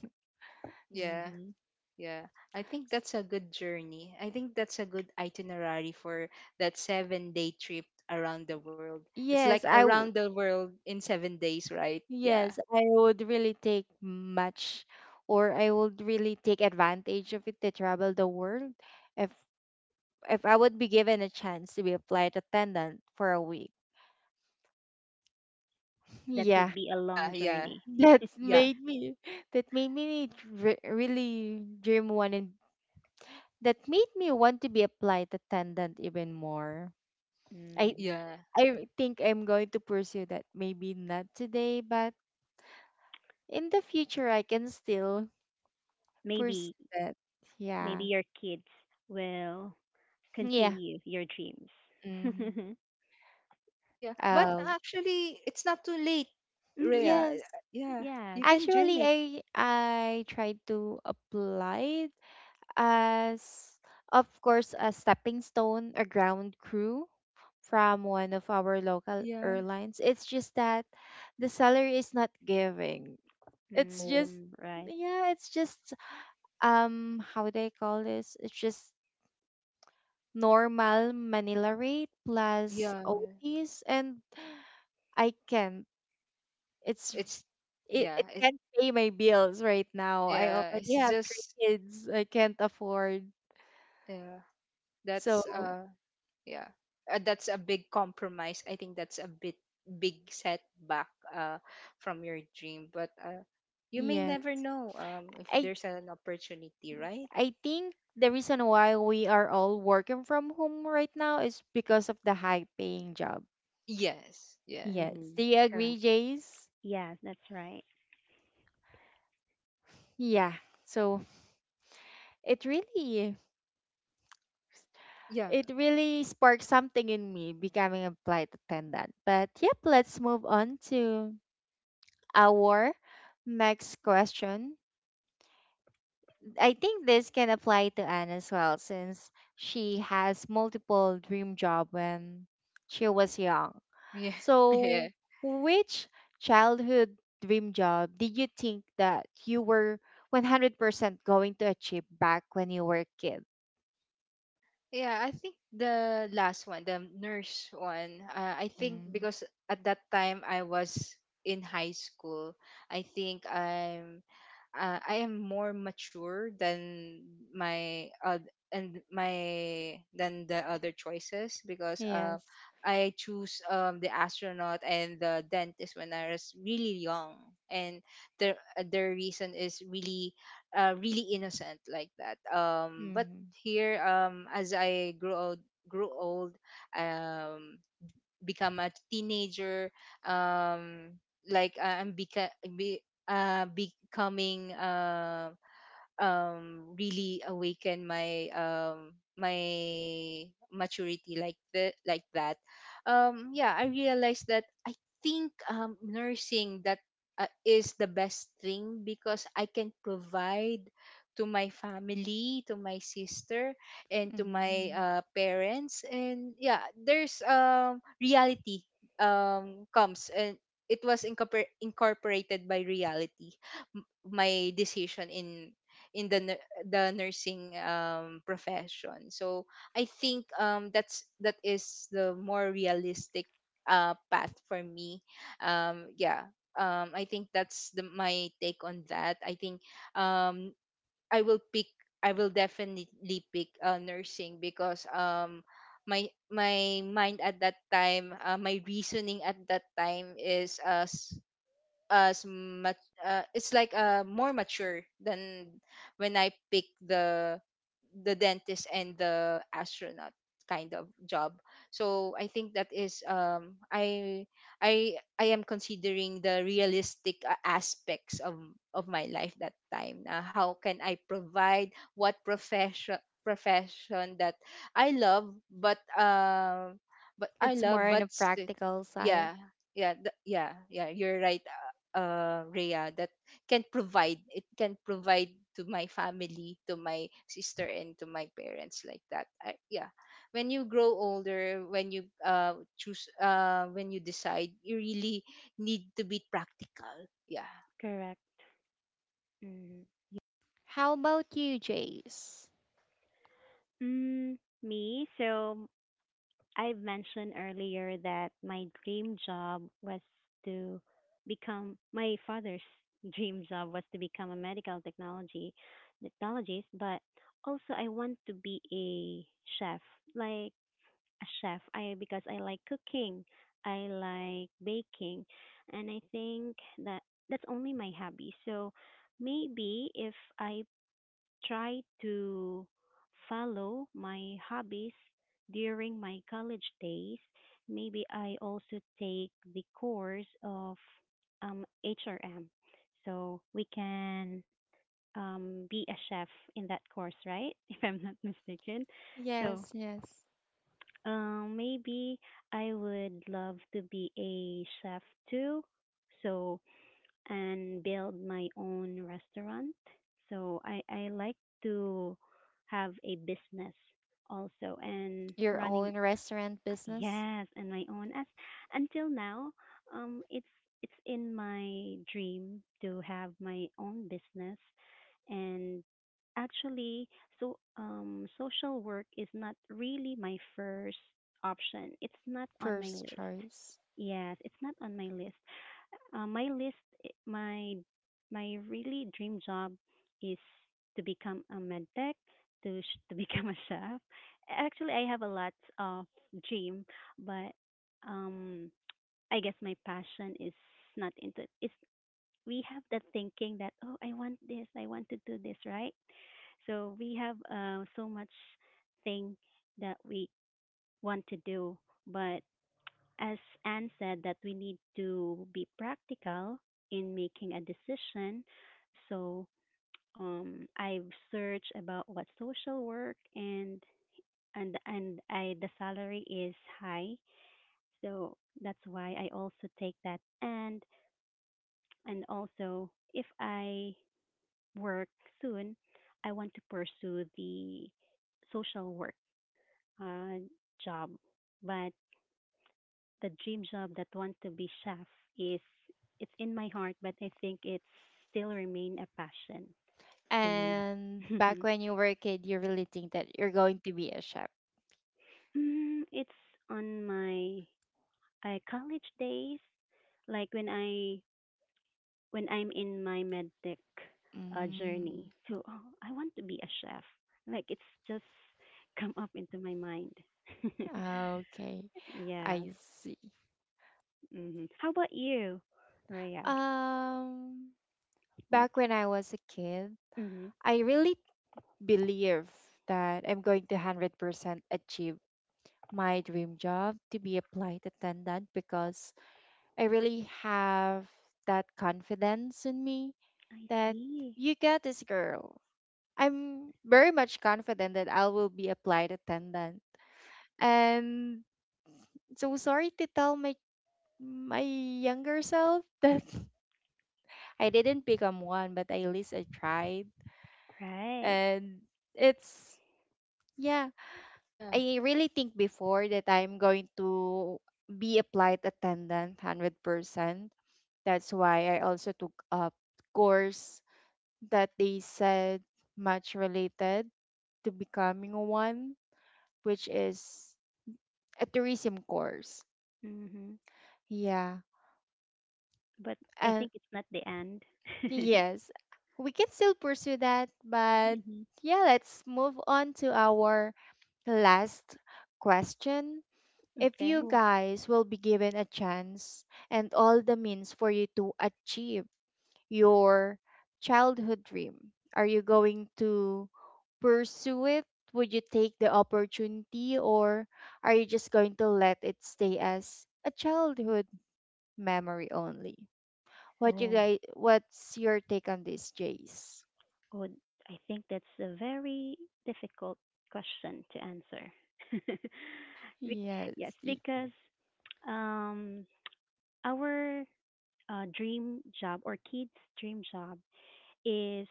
B: Yeah.
C: Mm-hmm.
B: Yeah. I think that's a good journey. I think that's a good itinerary for that seven day trip around the world. It's
A: Yes,
B: like
A: I w-
B: around the world in seven days, right? Yeah.
A: yes, I would really take much or I would really take advantage of it to travel the world if if I would be given a chance to be a flight attendant for a week.
C: That
A: Yeah,
C: would be a
B: Yeah.
C: long
B: Yeah.
C: journey.
A: that's
B: Yeah.
A: made me that made me dr- really dream one and that made me want to be a flight attendant even more. I
C: Mm-hmm.
B: Yeah.
A: I think I'm going to pursue that. Maybe not today, but in the future I can still pursue
C: Maybe
A: that. Yeah.
C: maybe your kids will
A: Yeah.
C: continue your
A: Mm-hmm.
C: dreams.
B: Yeah. But
A: Oh,
B: actually, it's not too late,
C: Hmm.
B: Rhea.
A: yes.
B: Yeah.
C: Yes.
B: You can dream
A: Actually,
B: it.
A: I I tried to apply as of course a stepping stone, a ground crew from one of our local
B: Yeah.
A: airlines. It's just that the salary is not giving. It's
B: Oh.
A: just
C: Mm. Right.
A: yeah, it's just um how do I call this, it's just normal manila rate plus
B: Yeah,
A: ots. And I can't, it's,
B: it's
A: it,
B: yeah
A: it
B: it,
A: can't pay my bills right now. I
B: yeah
A: already
B: it's
A: have three
B: just,
A: kids, I can't afford.
B: yeah,
A: So
B: that's uh yeah uh, that's a big compromise. I think that's a bit big setback, uh from your dream, but uh you may never
A: yes,
B: know, um if
A: I
B: there's an opportunity, right?
A: I think the reason why we are all working from home right now is because of the high paying job.
B: Yes, yeah,
A: Yes.
C: Hmm.
A: Do you
C: Correct.
A: agree, Jace?
C: Yes, that's right.
A: Yeah. So it really
B: yeah,
A: it really sparked something in me becoming a flight attendant. But yep, let's move on to our next question. I think this can apply to Anne as well since she has multiple dream job when she was young.
B: yeah.
A: So,
B: Yeah,
A: which childhood dream job did you think that you were one hundred percent going to achieve back when you were a kid?
B: yeah. I think the last one, the nurse one, uh, I think,
A: Mm.
B: because at that time I was in high school. I think i'm uh, I am more mature than my uh, and my than the other choices. Because uh,
A: Yes.
B: I choose um, the astronaut and the dentist when I was really young, and their uh, their reason is really, uh, really innocent like that. Um, but
A: Mhm.
B: here, um, as I grew old, grew old, um, become a teenager. um like uh, i'm beca- be, uh, Becoming, uh, um really awaken my um my maturity, like the like that. Um yeah, I realized that, I think, um nursing, that uh, is the best thing because I can provide to my family, to my sister, and to my
A: Mm.
B: uh, parents. And yeah, there's um reality, um comes, and it was incorpor- incorporated by reality. M- my decision in in the nu- the nursing, um, profession. So I think, um, that's that is the more realistic, uh, path for me. Um, yeah, um, I think that's the, my take on that. I think, um, I will pick. I will definitely pick, uh, nursing, because, um, my my mind at that time, uh, my reasoning at that time is, uh, s- as much, uh, it's like, uh more mature than when I pick the the dentist and the astronaut kind of job. So I think that is, um I I I am considering the realistic, uh, aspects of of my life that time. Uh, how can I provide, what profession, profession that I love, but uh, but I
A: It's
B: love
A: more on
B: but
A: a
B: st-
A: practical side.
B: yeah, yeah, th- yeah, yeah, you're right, uh, Rhea, that can provide. It can provide to my family, to my sister, and to my parents, like that. I, yeah, when you grow older, when you uh, choose, uh, when you decide, you really need to be practical. Yeah.
C: Correct. Mm.
A: How about you, Jace?
C: Mm, me, so I mentioned earlier that my dream job was to become my father's dream job was to become a medical technology technologist, but also I want to be a chef. Like a chef. I Because I like cooking, I like baking, and I think that that's only my hobby. So maybe if I try to follow my hobbies during my college days, maybe I also take the course of um, H R M. So we can um, be a chef in that course, right? If I'm not mistaken. So
A: Yes, yes.
C: um, maybe I would love to be a chef too. So, and build my own restaurant. So, I, I like to have a business also and
A: Your
C: running
A: own restaurant business?
C: Yes, and my own. As until now, um, it's it's in my dream to have my own business, and actually, so um, social work is not really my first option. It's not on my
A: First
C: list.
A: choice.
C: Yes, it's not on my list. Uh, my list, i- my my really dream job is to become a med tech, to sh- to become a chef. Actually, I have a lot of dream, but um, I guess my passion is not into. It's we have that thinking that oh, I want this, I want to do this, right? So we have uh, so much thing that we want to do, but as Anne said, that we need to be practical in making a decision. So um, I've searched about what social work and and and I the salary is high, so that's why I also take that. And and also if I work soon, I want to pursue the social work uh, job, but the dream job that wants to be chef is it's in my heart, but I think it's still remain a passion to me.
A: And back when you were a kid, you really think that you're going to be a chef?
C: mm, it's on my uh, college days, like when I when I'm in my medtech uh, journey.
A: Mm.
C: So oh, I want to be a chef. Like it's just come up into my mind.
A: Ah, okay,
C: Yeah.
A: I see.
C: hmm How about you, Raya?
A: Um,
C: What?
A: back when I was a kid,
C: hmm
A: I really believe that I'm going to one hundred percent achieve my dream job to be a flight attendant because I really have that confidence in me
C: I
A: that
C: see.
A: you got this girl. I'm very much confident that I will be a flight attendant. And so sorry to tell my my younger self that I didn't become one, but at least I tried.
C: Right.
A: And it's, yeah,
B: Yeah.
A: I really think before that I'm going to be a flight attendant one hundred percent. That's why I also took up course that they said much related to becoming one, which is a tourism course.
C: Mm-hmm.
A: Yeah.
C: But I
A: And
C: think it's not the end.
A: yes, we can still pursue that, but
C: Mm-hmm.
A: yeah, let's move on to our last question. If you
C: Okay.
B: Oh,
A: guys will be given a chance and all the means for you to achieve your childhood dream, are you going to pursue it? Would you take the opportunity or are you just going to let it stay as a childhood memory only? What you
C: Oh,
A: guys what's your take on this, Jace?
C: oh, I think that's a very difficult question to answer. Bec-
A: Yes.
C: yes,
A: y-
C: because um, our uh, dream job or kids' dream job is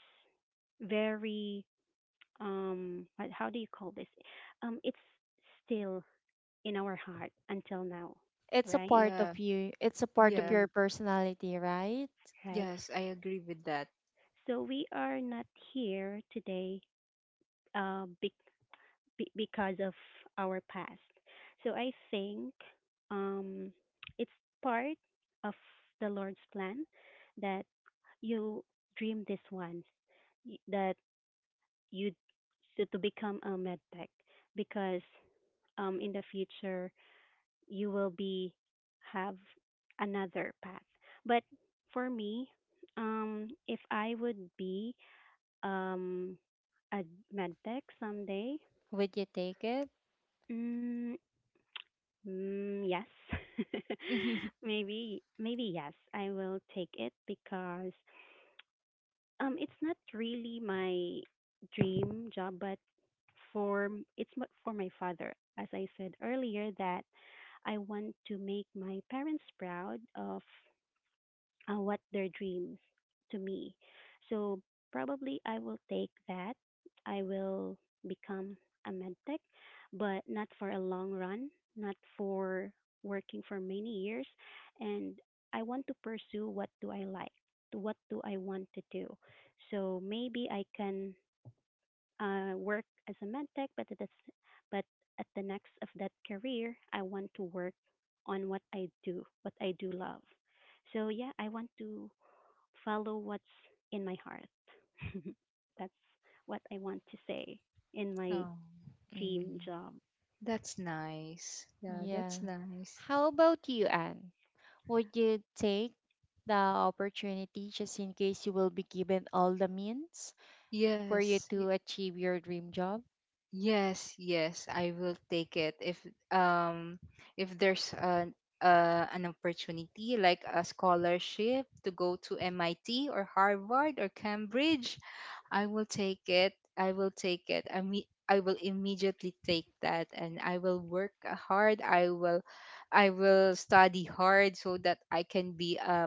C: very um, what, how do you call this? Um, it's still in our heart until now,
A: It's a
C: right?
A: part
B: yeah.
A: of you. It's a part of
B: Yeah.
C: Mm,
A: your personality, right?
C: right.
B: Yes, I agree with that.
C: So we are not here today uh, be- be- because of our past. So I think um, it's part of the Lord's plan that you dream this once, y- that you so to become a med tech because um, in the future you will be have another path. But for me, um, if I would be um a medtech someday?
A: Would you take it?
C: Mm, mm, yes. maybe maybe yes. I will take it because um it's not really my dream job but for m- it's m- for my father as I said earlier that I want to make my parents proud of uh, what their dreams to me. So probably I will take that. I will become a medtech, but not for a long run, not for working for many years. And I want to pursue what do I like, what do I want to do. So maybe I can uh, work as a medtech, but at the, s- but at the next of that career, I want to work on what I do, what I do love. So yeah, I want to follow what's in my heart. That's what I want to say in my
B: Oh,
C: dream
A: Mm,
C: job.
B: that's nice. Yeah,
A: yeah.
B: that's nice.
A: How about you, Anne? Would you take the opportunity just in case you will be given all the means for you
B: Yes.
A: to achieve your dream job?
B: Yes, yes, I will take it if, um if there's, an uh, an opportunity like a scholarship to go to M I T or Harvard or Cambridge. I will take it. I will take it. I mean, I will immediately take that, and I will work hard. I will, I will study hard so that I can be a.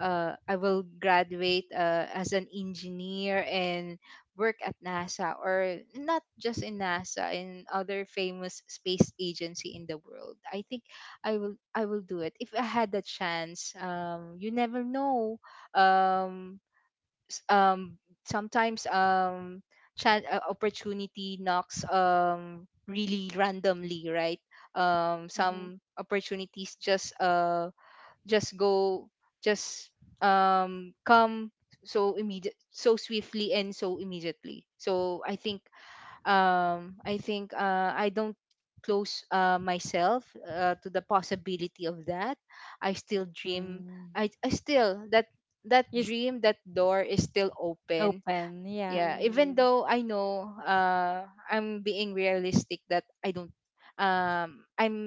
B: Uh, I will graduate, uh, as an engineer and work at NASA, or not just in NASA, in other famous space agency in the world. I think I will I will do it if I had the chance. Um, you never know. Um, um, Sometimes, um, chance uh, opportunity knocks, um really randomly, right? Um,
C: hmm
B: some opportunities just uh just go just um come, so immediate, so swiftly, and so immediately. So I think, um i think uh, I don't close, uh, myself, uh, to the possibility of that. I still dream,
A: Mm,
B: i i still that that
A: it's
B: dream, that door is still open.
A: open, yeah.
B: Yeah, even
C: mm
B: though I know, uh I'm being realistic, that I don't, um i'm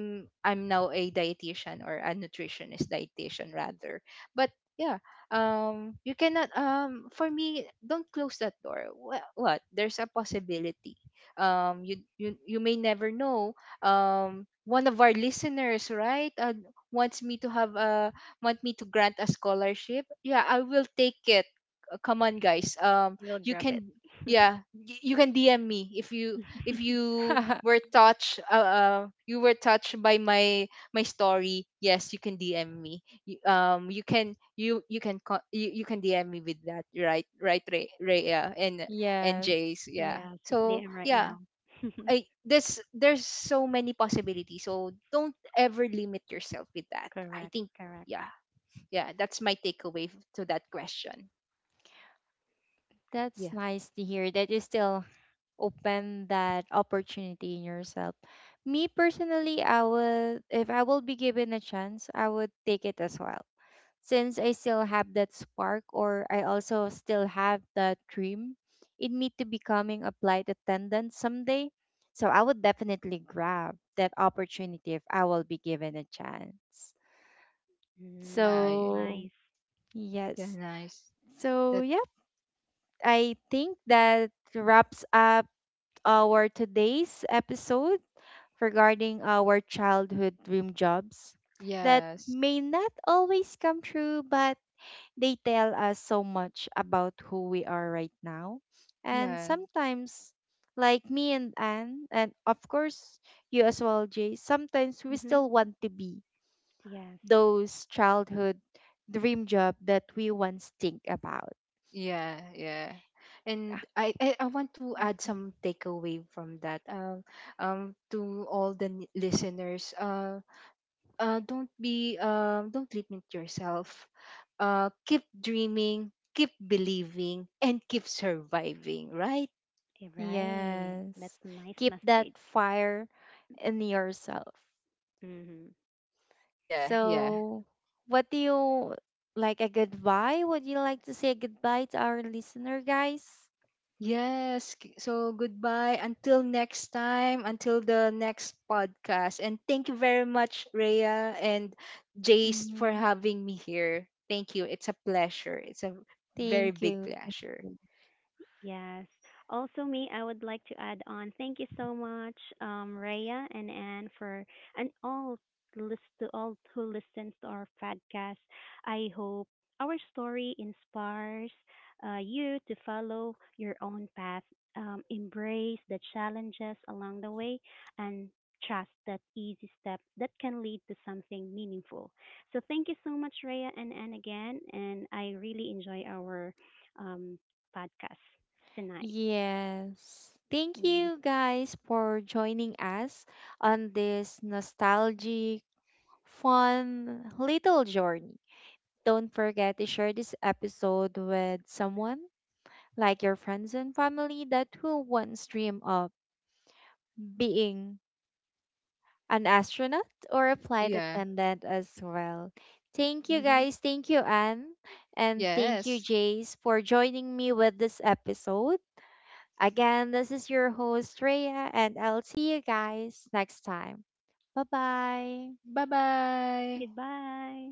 B: I'm now a dietitian, or a nutritionist dietitian, rather. But yeah, um you cannot, um for me, don't close that door. What, what? There's a possibility. Um you, you you may never know. Um one of our listeners, right, uh, wants me to have a want me to grant a scholarship. Yeah, I will take it. Uh, come on, guys. Um
C: You will
B: you
C: grab it.
B: can, yeah, y- you can DM me if you, if you were touched. Uh, uh you were touched by my my story. Yes, you can DM me. You, um you can you you can co- you, you can DM me with that, right? Right, Ray, Ray, yeah, and and
A: Yes.
B: Jays. Yeah,
C: Yes, they
B: so
C: am right now.
B: yeah. I this There's so many possibilities, so don't ever limit yourself with that, I
C: Correct,
B: think.
C: correct.
B: Yeah. Yeah, that's my takeaway, f- to that question.
A: That's
B: Yeah.
A: nice to hear that you still open that opportunity in yourself. Me personally, I would, if I will be given a chance, I would take it as well. Since I still have that spark, or I also still have that dream in me to becoming a flight attendant someday. So I would definitely grab that opportunity if I will be given a chance.
C: Mm,
B: Yeah.
A: So,
C: nice.
B: Yeah.
A: yes.
B: Nice.
A: So,
B: That.
A: yep, I think that wraps up our today's episode regarding our childhood dream jobs that
B: Yes.
A: may not always come true, but they tell us so much about who we are right now. And
B: Yeah.
A: sometimes, like me and Anne, and of course, you as well, Jay, sometimes we
C: hmm
A: still want to be
C: Yes,
A: those childhood dream job that we once think about.
B: Yeah. Yeah. And I, I, I want to add
A: Mhm.
B: some takeaway from that. Um, um, to all the n- listeners, uh, uh, don't be, um, don't limit yourself. Uh, keep dreaming, keep believing, and keep surviving, right?
C: eh, right.
A: Yes.
C: That's a nice
A: Keep that
C: message.
A: fire in yourself.
C: hmm
B: Yeah. Yeah.
A: So, what do you, like a goodbye? Would you like to say goodbye to our listener, guys?
B: Yes. k- So goodbye until next time, until the next podcast. And thank you very much, Rhea and Jace, for
A: Mm,
B: having me here. Thank you. It's a pleasure. It's a very
A: thank
B: big
A: you.
B: pleasure.
C: Yes. Also, me, I would like to add on. Thank you so much, um, Rhea and Anne, for and all list to all who listens to our podcast. I hope our story inspires uh, you to follow your own path, um, embrace the challenges along the way, and trust that easy step that can lead to something meaningful. So, thank you so much, Rhea and Anne, again, and I really enjoy our um, podcast tonight.
A: Yes. Thank
C: Mm-hmm.
A: you guys for joining us on this nostalgic, fun little journey. Don't forget to share this episode with someone, like your friends and family that who once dream of being an astronaut or a flight
B: Yeah.
A: attendant as well. Thank you
C: Mm-hmm.
A: guys. Thank you, Anne. And thank you,
B: Yes.
A: Jace, for joining me with this episode. Again, this is your host, Rhea, and I'll see you guys next time. Bye bye.
B: Bye bye.
C: Goodbye.